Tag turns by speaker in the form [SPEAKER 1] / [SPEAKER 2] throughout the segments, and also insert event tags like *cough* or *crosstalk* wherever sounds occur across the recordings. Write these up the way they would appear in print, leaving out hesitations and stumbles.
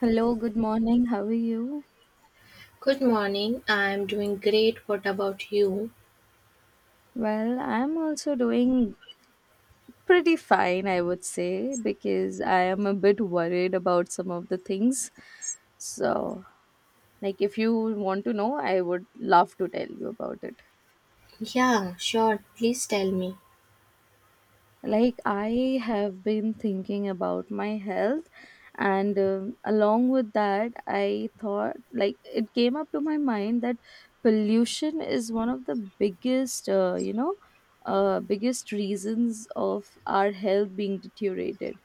[SPEAKER 1] Hello, good morning. How are you?
[SPEAKER 2] Good morning. I'm doing great. What about you?
[SPEAKER 1] Well, I'm also doing pretty fine, I would say, because I am a bit worried about some of the things. So, like, if you want to know, I would love to tell you about it.
[SPEAKER 2] Yeah, sure. Please tell me.
[SPEAKER 1] Like I have been thinking about my health, and along with that I thought, like, it came up to my mind that pollution is one of the biggest biggest reasons of our health being deteriorated.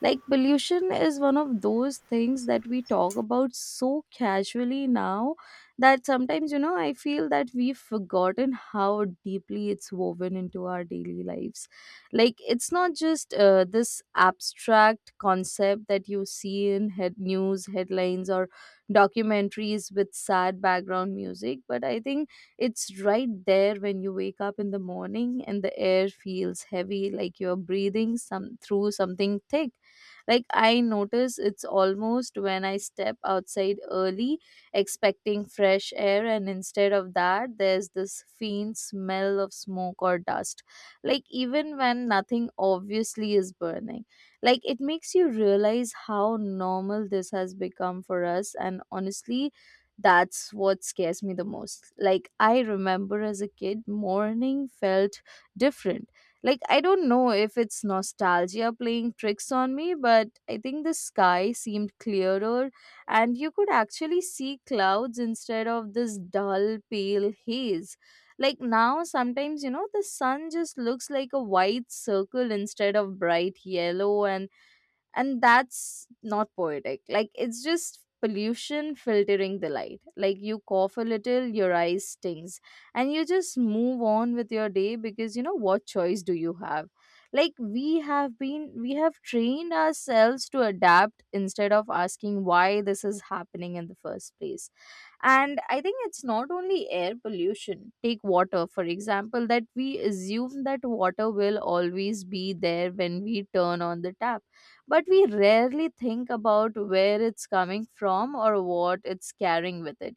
[SPEAKER 1] Like pollution is one of those things that we talk about so casually now, that sometimes, you know, I feel that we've forgotten how deeply it's woven into our daily lives. Like it's not just this abstract concept that you see in head news headlines or documentaries with sad background music, but I think it's right there when you wake up in the morning and the air feels heavy, like you're breathing some through something thick. Like I notice it's almost when I step outside early, expecting fresh air, and instead of that there's this faint smell of smoke or dust. Like even when nothing obviously is burning. Like it makes you realize how normal this has become for us, and honestly that's what scares me the most. Like, I remember as a kid, morning felt different. Like, I don't know if it's nostalgia playing tricks on me, but I think the sky seemed clearer and you could actually see clouds instead of this dull, pale haze. Like, now, sometimes, you know, the sun just looks like a white circle instead of bright yellow, and that's not poetic, like it's just pollution filtering the light. Like you cough a little, your eyes stings, and you just move on with your day, because you know, what choice do you have? Like we have trained ourselves to adapt instead of asking why this is happening in the first place. And I think it's not only air pollution. Take water, for example, that we assume that water will always be there when we turn on the tap. But we rarely think about where it's coming from or what it's carrying with it.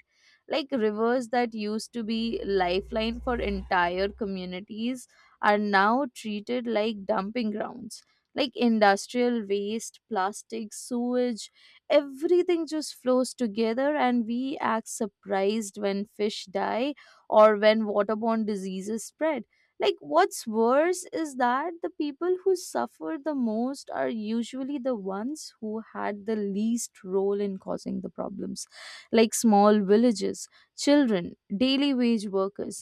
[SPEAKER 1] Like rivers that used to be lifeline for entire communities are now treated like dumping grounds. Like industrial waste, plastic, sewage, everything just flows together, and we act surprised when fish die or when waterborne diseases spread. Like what's worse is that the people who suffer the most are usually the ones who had the least role in causing the problems. Like small villages, children, daily wage workers,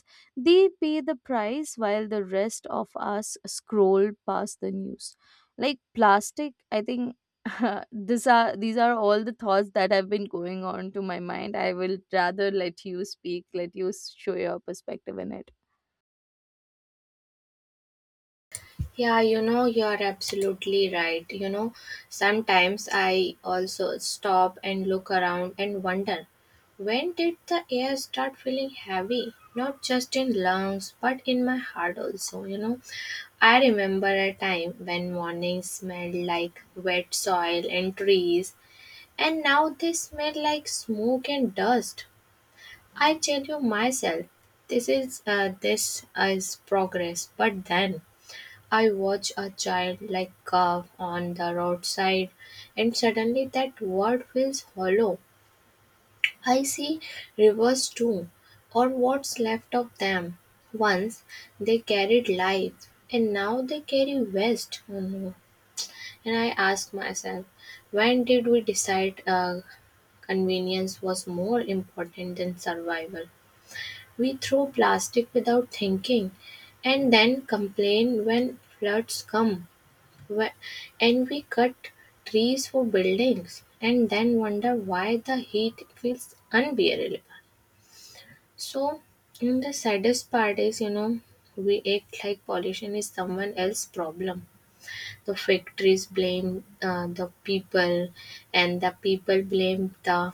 [SPEAKER 1] they pay the price while the rest of us scroll past the news. Like plastic, I think *laughs* these are all the thoughts that have been going on to my mind. I will rather let you speak, let you show your perspective in it.
[SPEAKER 2] Yeah, you know, you're absolutely right. You know, sometimes I also stop and look around and wonder, when did the air start feeling heavy? Not just in lungs, but in my heart also, you know. I remember a time when mornings smelled like wet soil and trees, and now they smell like smoke and dust. I tell you myself, this is progress. But then I watch a child like curve on the roadside, and suddenly that world feels hollow. I see rivers too, or what's left of them. Once they carried life, and now they carry waste. Oh no! And I ask myself, when did we decide convenience was more important than survival? We throw plastic without thinking and then complain when floods come. Wh- And we cut trees for buildings and then wonder why the heat feels unbearable. So, and the saddest part is, you know, we act like pollution is someone else's problem. The factories blame the people, and the people blame the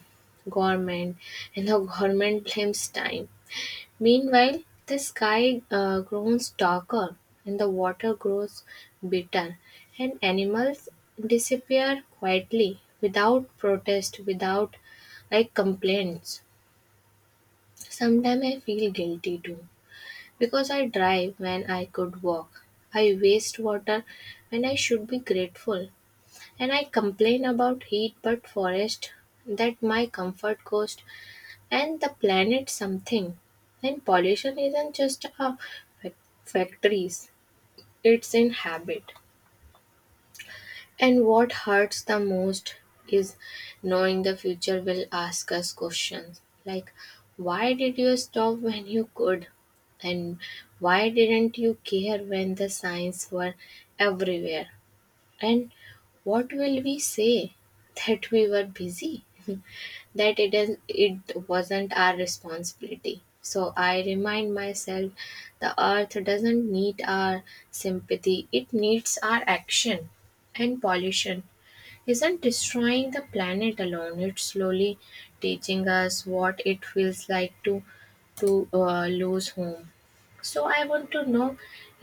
[SPEAKER 2] government, and the *laughs* government blames time. Meanwhile, the sky grows darker, and the water grows bitter, and animals disappear quietly, without protest, without like complaints. Sometimes I feel guilty too, because I drive when I could walk. I waste water when I should be grateful, and I complain about heat, but forest that my comfort goes and the planet something. And pollution isn't just a factories, it's in habit. And what hurts the most is knowing the future will ask us questions like, why did you stop when you could? And why didn't you care when the signs were everywhere? And what will we say, that we were busy? That it is, it wasn't our responsibility? So I remind myself, the earth doesn't need our sympathy, it needs our action. And pollution isn't destroying the planet alone, it's slowly teaching us what it feels like to lose home. So I want to know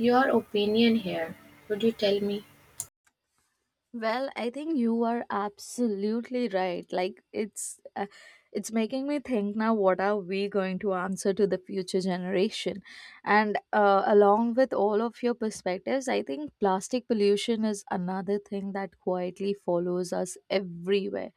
[SPEAKER 2] your opinion here. Would you tell me?
[SPEAKER 1] Well, I think you are absolutely right. Like it's making me think now, what are we going to answer to the future generation? And along with all of your perspectives, I think plastic pollution is another thing that quietly follows us everywhere.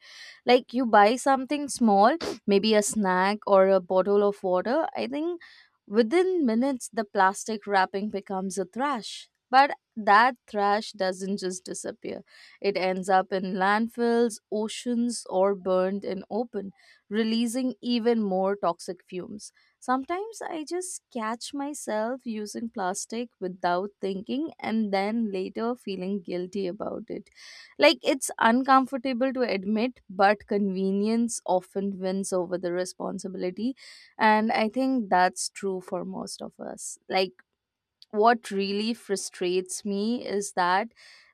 [SPEAKER 1] Like you buy something small, maybe a snack or a bottle of water, I think within minutes the plastic wrapping becomes a trash. But that trash doesn't just disappear, it ends up in landfills, oceans, or burned in open, releasing even more toxic fumes. Sometimes I just catch myself using plastic without thinking and then later feeling guilty about it. Like it's uncomfortable to admit, but convenience often wins over the responsibility. And I think that's true for most of us. Like what really frustrates me is that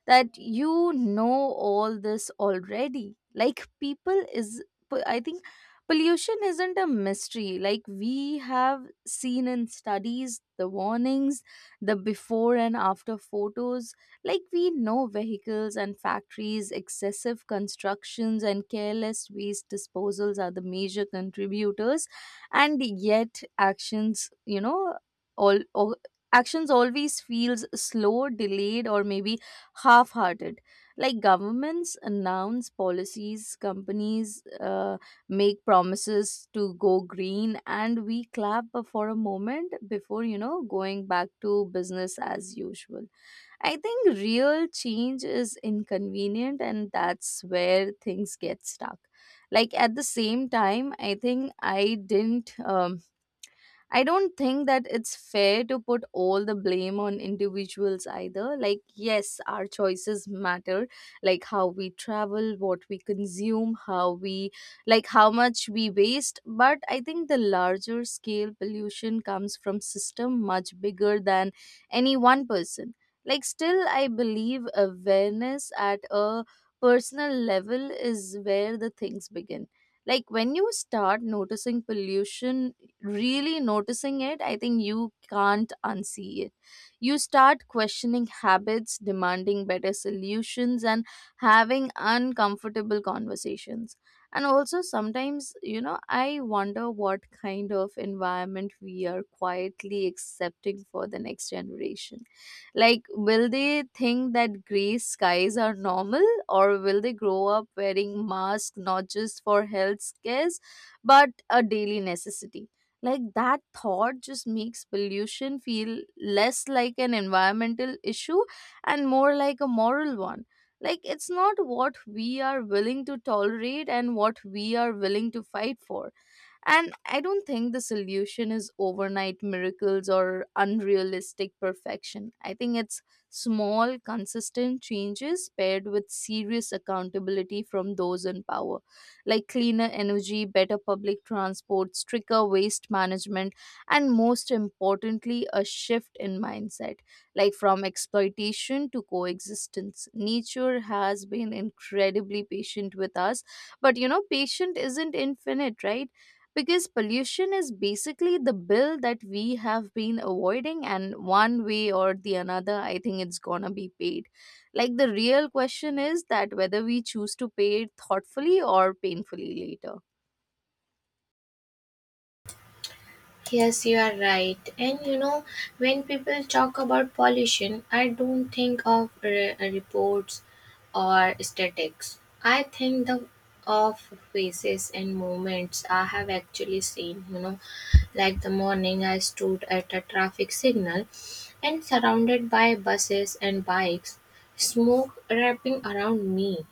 [SPEAKER 1] that you know all this already. Like people is I think pollution isn't a mystery. Like we have seen in studies, the warnings, the before and after photos. Like we know vehicles and factories, excessive constructions, and careless waste disposals are the major contributors, and yet actions, you know, all, actions always feels slow, delayed, or maybe half-hearted. Like governments announce policies, companies uh, make promises to go green, and we clap for a moment before, you know, going back to business as usual. I think real change is inconvenient, and that's where things get stuck. Like at the same time, I don't think that it's fair to put all the blame on individuals either. Like, yes, our choices matter, like how we travel, what we consume, like, how much we waste. But I think the larger scale pollution comes from system much bigger than any one person. Like, still, I believe awareness at a personal level is where the things begin. Like when you start noticing pollution, really noticing it, I think you can't unsee it. You start questioning habits, demanding better solutions, and having uncomfortable conversations. And also, sometimes, you know, I wonder what kind of environment we are quietly accepting for the next generation. Like, will they think that gray skies are normal, or will they grow up wearing masks not just for health scares, but a daily necessity? Like that thought just makes pollution feel less like an environmental issue and more like a moral one. Like it's not what we are willing to tolerate and what we are willing to fight for. And I don't think the solution is overnight miracles or unrealistic perfection. I think it's small, consistent changes paired with serious accountability from those in power, like cleaner energy, better public transport, stricter waste management, and most importantly, a shift in mindset, like from exploitation to coexistence. Nature has been incredibly patient with us, but you know, patient isn't infinite, right? Because pollution is basically the bill that we have been avoiding, and one way or the another, I think it's gonna be paid. Like the real question is that whether we choose to pay it thoughtfully or painfully later.
[SPEAKER 2] Yes, you are right. And you know, when people talk about pollution, I don't think of reports or statistics. I think the of faces and moments I have actually seen. You know, like the morning I stood at a traffic signal, and surrounded by buses and bikes, smoke wrapping around me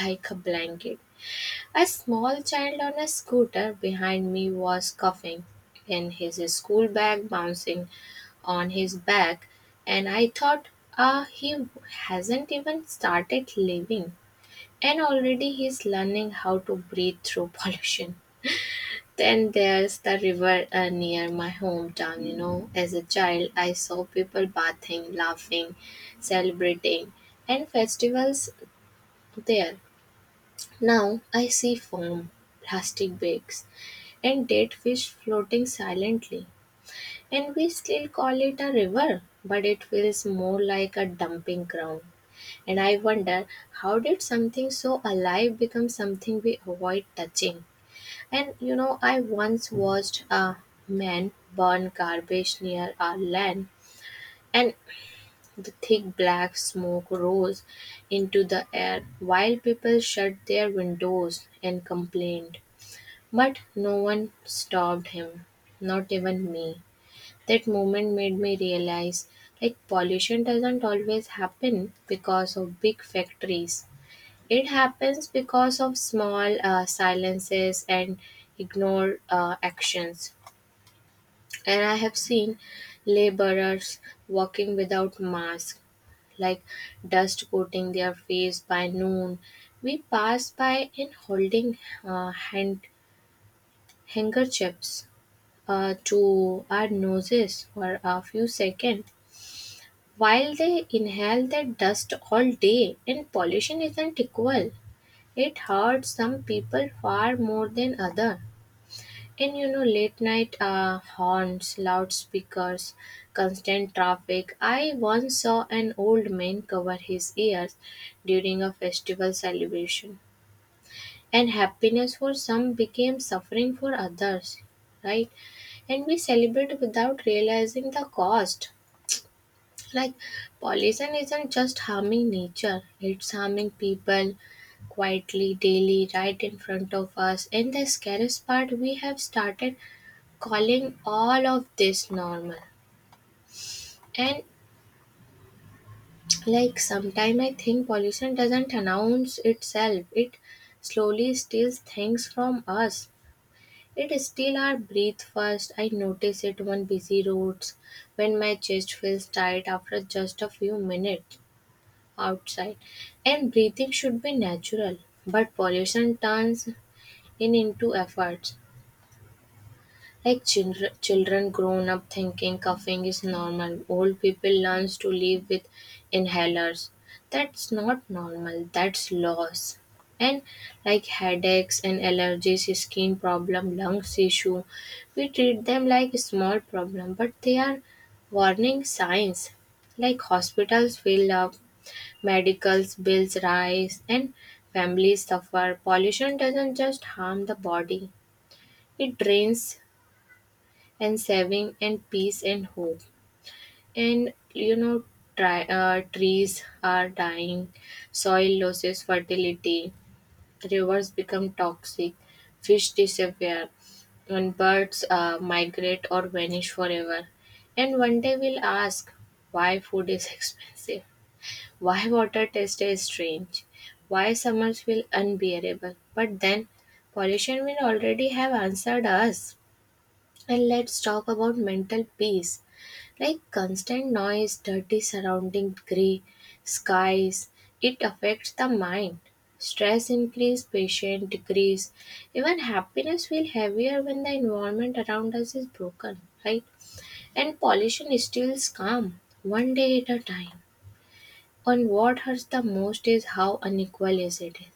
[SPEAKER 2] like a blanket. A small child on a scooter behind me was coughing and his school bag bouncing on his back, and I thought, ah, he hasn't even started living, and already he's learning how to breathe through *laughs* pollution. Then there's the river near my hometown, you know. As a child, I saw people bathing, laughing, celebrating, and festivals there. Now I see foam, plastic bags, and dead fish floating silently. And we still call it a river, but it feels more like a dumping ground. And I wonder, how did something so alive become something we avoid touching? And you know, I once watched a man burn garbage near our land, and the thick black smoke rose into the air while people shut their windows and complained. But no one stopped him, not even me. That moment made me realize, like, pollution doesn't always happen because of big factories. It happens because of small silences and ignored actions. And I have seen laborers walking without masks, like dust coating their face by noon. We pass by and holding uh, hand handkerchiefs to our noses for a few seconds while they inhale that dust all day. And pollution isn't equal, it hurts some people far more than other. And you know, late night horns, loudspeakers, constant traffic. I once saw an old man cover his ears during a festival celebration, and happiness for some became suffering for others, right? And we celebrate without realizing the cost. Like, pollution isn't just harming nature, it's harming people quietly, daily, right in front of us. And the scariest part, we have started calling all of this normal. And like, sometime I think pollution doesn't announce itself, it slowly steals things from us. It still our breathe first. I notice it on busy roads when my chest feels tight after just a few minutes outside. And breathing should be natural, but pollution turns in into efforts. Like children, children grown up thinking coughing is normal. Old people learns to live with inhalers. That's not normal. That's loss. And like headaches and allergies, skin problem, lungs issue, we treat them like small problem, but they are warning signs. Like hospitals fill up, medicals bills rise, and families suffer. Pollution doesn't just harm the body; it drains and saving and peace and hope. And you know, trees are dying, soil loses fertility, rivers become toxic, fish disappear, and birds migrate or vanish forever. And one day we'll ask, why food is *laughs* expensive, why water taste is strange, why summers feel unbearable. But then pollution will already have answered us. And let's talk about mental peace. Like constant noise, dirty surrounding, grey skies, it affects the mind. Stress increase, patience decrease. Even happiness feel heavier when the environment around us is broken, right? And pollution steals calm, one day at a time. And what hurts the most is how unequal is it is.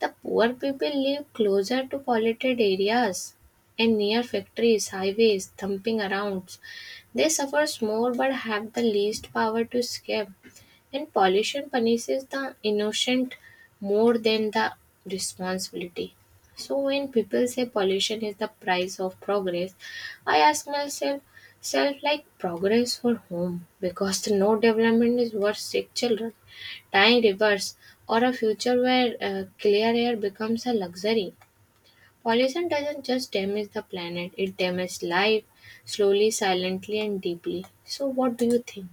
[SPEAKER 2] The poor people live closer to polluted areas and near factories, highways, thumping around. They suffer more but have the least power to escape, and pollution punishes the innocent more than the responsibility. So when people say pollution is the price of progress, I ask myself self, like, progress for whom? Because the no development is worth sick children, dying rivers, or a future where clear air becomes a luxury. Pollution doesn't just damage the planet, it damages life slowly, silently, and deeply. So, what do you think?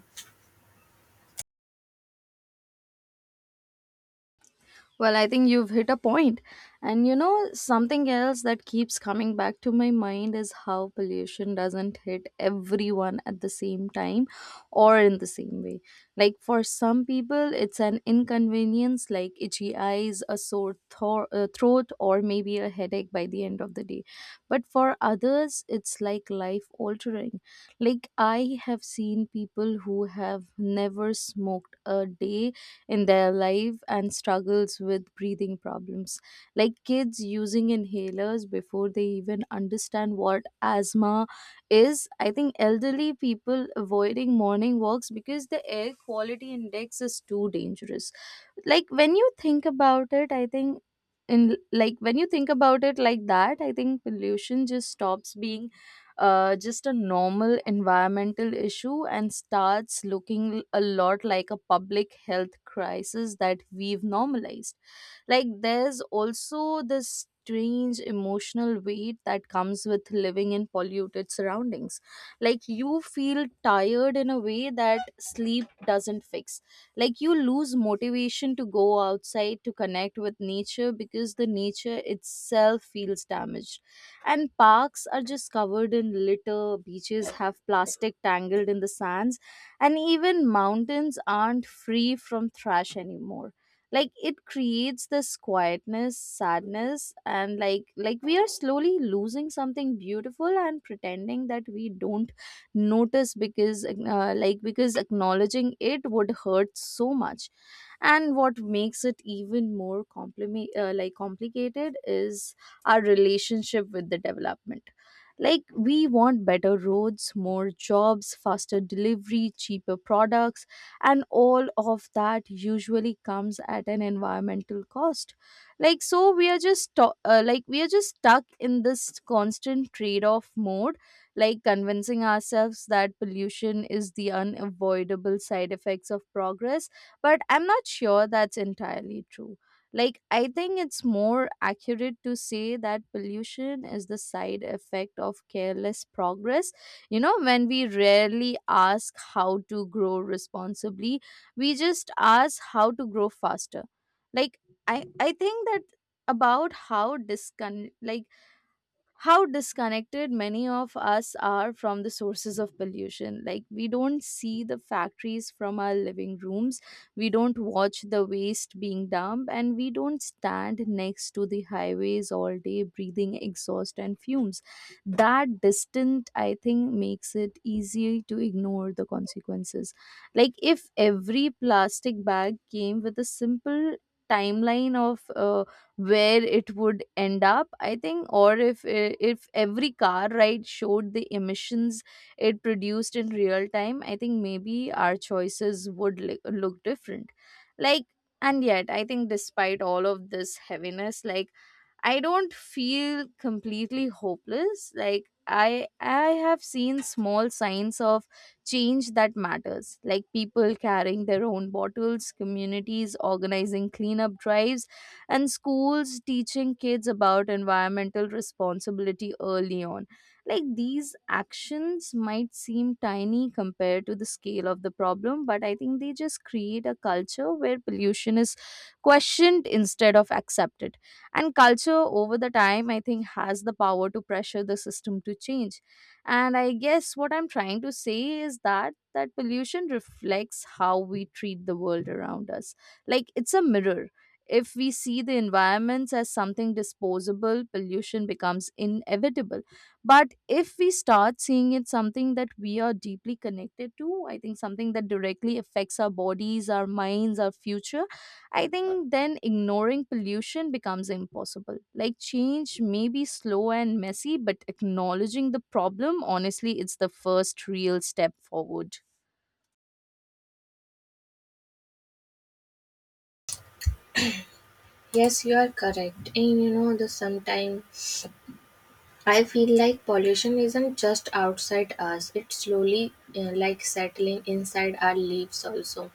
[SPEAKER 1] Well, I think you've hit a point. And you know, something else that keeps coming back to my mind is how pollution doesn't hit everyone at the same time or in the same way. Like for some people, it's an inconvenience, like itchy eyes, a sore throat, or maybe a headache by the end of the day. But for others, it's like life altering. Like I have seen people who have never smoked a day in their life and struggles with breathing problems, like kids using inhalers before they even understand what asthma is. I think elderly people avoiding morning walks because the air quality index is too dangerous. Like when you think about it, I think in like when you think about it like that, I think pollution just stops being just a normal environmental issue and starts looking a lot like a public health crisis that we've normalized. Like there's also this strange emotional weight that comes with living in polluted surroundings. Like you feel tired in a way that sleep doesn't fix. Like you lose motivation to go outside, to connect with nature, because the nature itself feels damaged. And parks are just covered in litter, beaches have plastic tangled in the sands, and even mountains aren't free from trash anymore. Like it creates this quietness, sadness, and like we are slowly losing something beautiful and pretending that we don't notice, because because acknowledging it would hurt so much. And what makes it even more compliment, like complicated is our relationship with the development. Like we want better roads, more jobs, faster delivery, cheaper products, and all of that usually comes at an environmental cost. Like so we are just we are just stuck in this constant trade off mode, like convincing ourselves that pollution is the unavoidable side effects of progress. But I'm not sure that's entirely true. Like, I think it's more accurate to say that pollution is the side effect of careless progress. You know, when we rarely ask how to grow responsibly, we just ask how to grow faster. Like, I think that about how disconnected many of us are from the sources of pollution. Like, we don't see the factories from our living rooms, we don't watch the waste being dumped, and we don't stand next to the highways all day breathing exhaust and fumes. That distance, I think, makes it easy to ignore the consequences. Like, if every plastic bag came with a simple timeline of where it would end up, I think, or if every car ride showed the emissions it produced in real time, I think maybe our choices would look different. Like, and yet I think despite all of this heaviness, like I don't feel completely hopeless. Like I have seen small signs of change that matters. Like people carrying their own bottles, communities organizing cleanup drives, and schools teaching kids about environmental responsibility early on. Like these actions might seem tiny compared to the scale of the problem, but I think they just create a culture where pollution is questioned instead of accepted. And culture over the time, I think, has the power to pressure the system to change. And I guess what I'm trying to say is that that pollution reflects how we treat the world around us. Like it's a mirror. If we see the environments as something disposable, pollution becomes inevitable. But if we start seeing it something that we are deeply connected to, I think something that directly affects our bodies, our minds, our future, I think then ignoring pollution becomes impossible. Like change may be slow and messy, but acknowledging the problem, honestly, it's the first real step forward.
[SPEAKER 2] Yes, you are correct. And you know, the sometimes I feel like pollution isn't just outside us, it's slowly like settling inside our leaves also.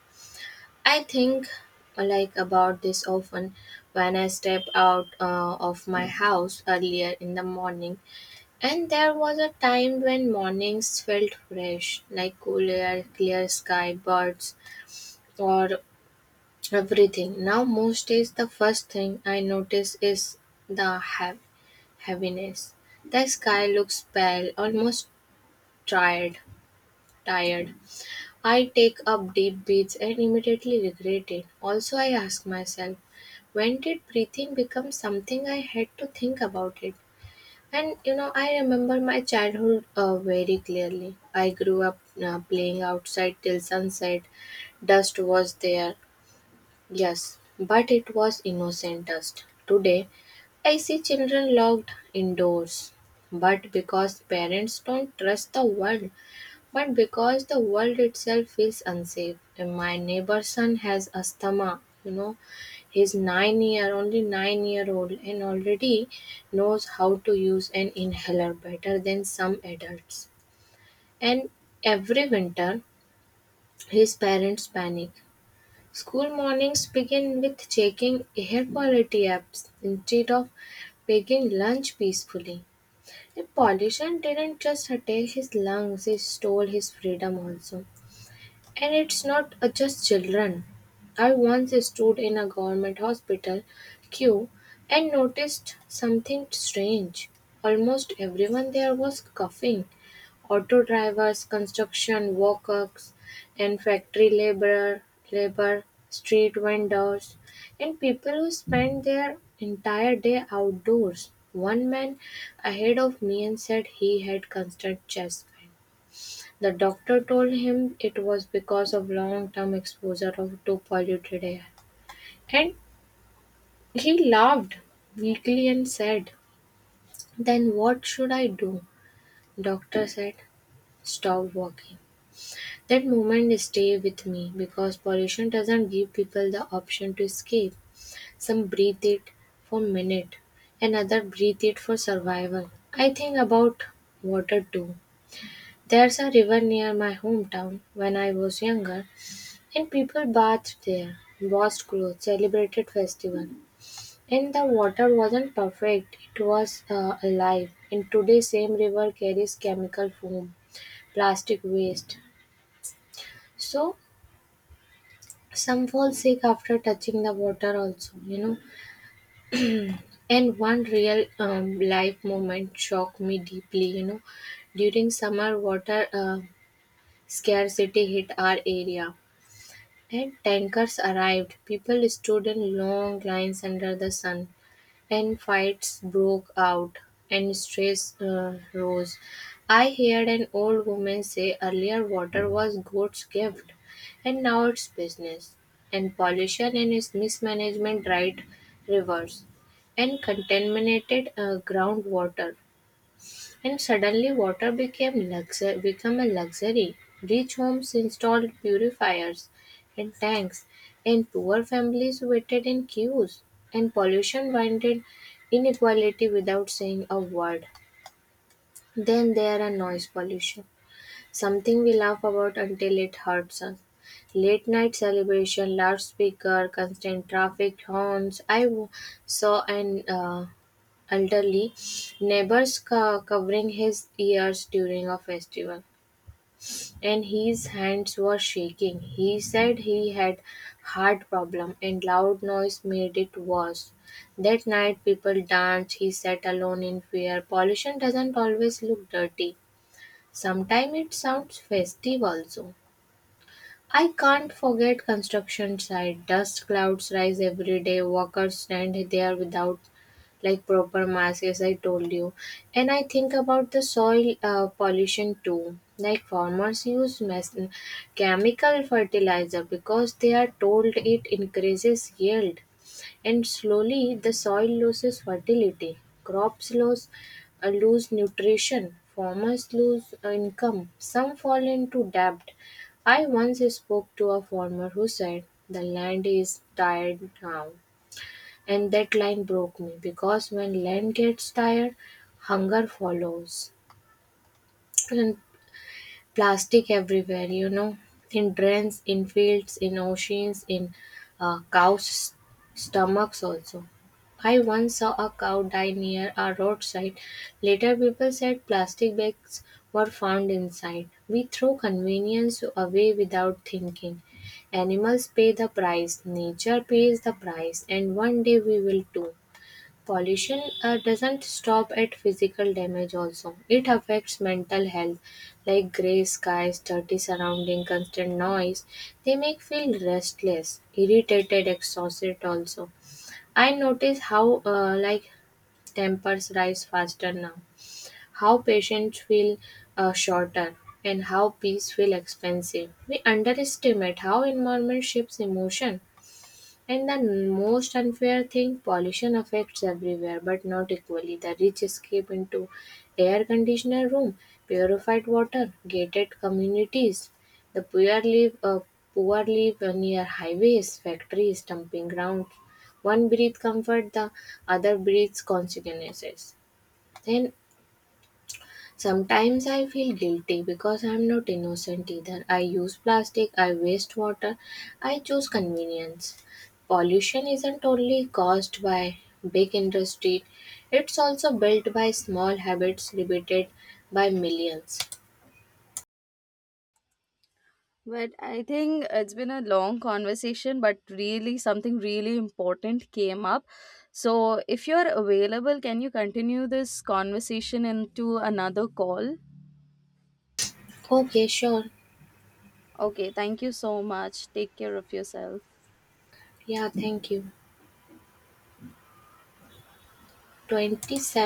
[SPEAKER 2] I think like about this often when I step out of my house earlier in the morning. And there was a time when mornings felt fresh, like cool air, clear sky, birds, or everything. Now, most days, the first thing I notice is the heaviness. The sky looks pale, almost tired. Tired. I take up deep breaths and immediately regret it. Also, I ask myself, when did breathing become something I had to think about it? And you know, I remember my childhood very clearly. I grew up playing outside till sunset. Dust was there, yes, but it was innocent dust. Today, I see children locked indoors, but because parents don't trust the world, but because the world itself feels unsafe. And my neighbor's son has asthma, you know, he's nine-year only 9-year-old and already knows how to use an inhaler better than some adults. And every winter, his parents panic. School mornings begin with checking air quality apps instead of taking lunch peacefully. The pollution didn't just attack his lungs, it stole his freedom also. And it's not just children. I once stood in a government hospital queue and noticed something strange. Almost everyone there was coughing. Auto drivers, construction workers, and labor, street vendors, and people who spend their entire day outdoors. One man ahead of me and said he had constant chest pain. The doctor told him it was because of long-term exposure of to polluted air. And he laughed weakly and said, "Then what should I do?" Doctor said, "Stop walking." That moment stay with me because pollution doesn't give people the option to escape. Some breathe it for minute, another breathe it for survival. I think about water too. There's a river near my hometown. When I was younger, and people bathed there, washed clothes, celebrated festival, and the water wasn't perfect, it was alive. And today, same river carries chemical foam, plastic waste. So, some fall sick after touching the water, also, you know. And one real life moment shocked me deeply, you know. During summer, water scarcity hit our area and tankers arrived. People stood in long lines under the sun and fights broke out and stress rose. I heard an old woman say, earlier water was God's gift and now it's business. And pollution and its mismanagement dried rivers and contaminated groundwater. And suddenly water became become a luxury; rich homes installed purifiers and tanks, and poor families waited in queues, and pollution blinded inequality without saying a word. Then there are noise pollution, something we laugh about until it hurts us. Late night celebration, loudspeaker, constant traffic horns. Saw an elderly neighbors covering his ears during a festival, and his hands were shaking. He said he had heart problem and loud noise made it worse. That night people danced, he sat alone in fear. Pollution doesn't always look dirty, sometimes it sounds festive also. I can't forget construction site. Dust clouds rise every day. Workers stand there without like proper masks, as I told you. And I think about the soil pollution too. Like farmers use chemical fertilizer because they are told it increases yield. And slowly the soil loses fertility, crops lose, lose nutrition, farmers lose income, some fall into debt. I once spoke to a farmer who said, "The land is tired now." And that line broke me because when land gets tired, hunger follows. And plastic everywhere, you know, in drains, in fields, in oceans, in cows' stomachs also. I once saw a cow die near a roadside. Later, people said plastic bags were found inside. We throw convenience away without thinking. Animals pay the price, nature pays the price, and one day we will too. Pollution doesn't stop at physical damage also. It affects mental health like gray skies, dirty surrounding, constant noise. They make feel restless, irritated, exhausted also. I notice how like tempers rise faster now, how patients feel shorter and how peace feel expensive. We underestimate how environment shapes emotion. And the most unfair thing, pollution affects everywhere, but not equally. The rich escape into air conditioned room, purified water, gated communities. The poor live near highways, factories, dumping grounds. One breathes comfort, the other breathes consequences. And sometimes I feel guilty because I'm not innocent either. I use plastic, I waste water, I choose convenience. Pollution isn't only caused by big industry, it's also built by small habits repeated by millions.
[SPEAKER 1] But I think it's been a long conversation, but really something really important came up. So, if you're available, can you continue this conversation into another call?
[SPEAKER 2] Okay, sure.
[SPEAKER 1] Okay, thank you so much. Take care of yourself.
[SPEAKER 2] Yeah, thank you. 27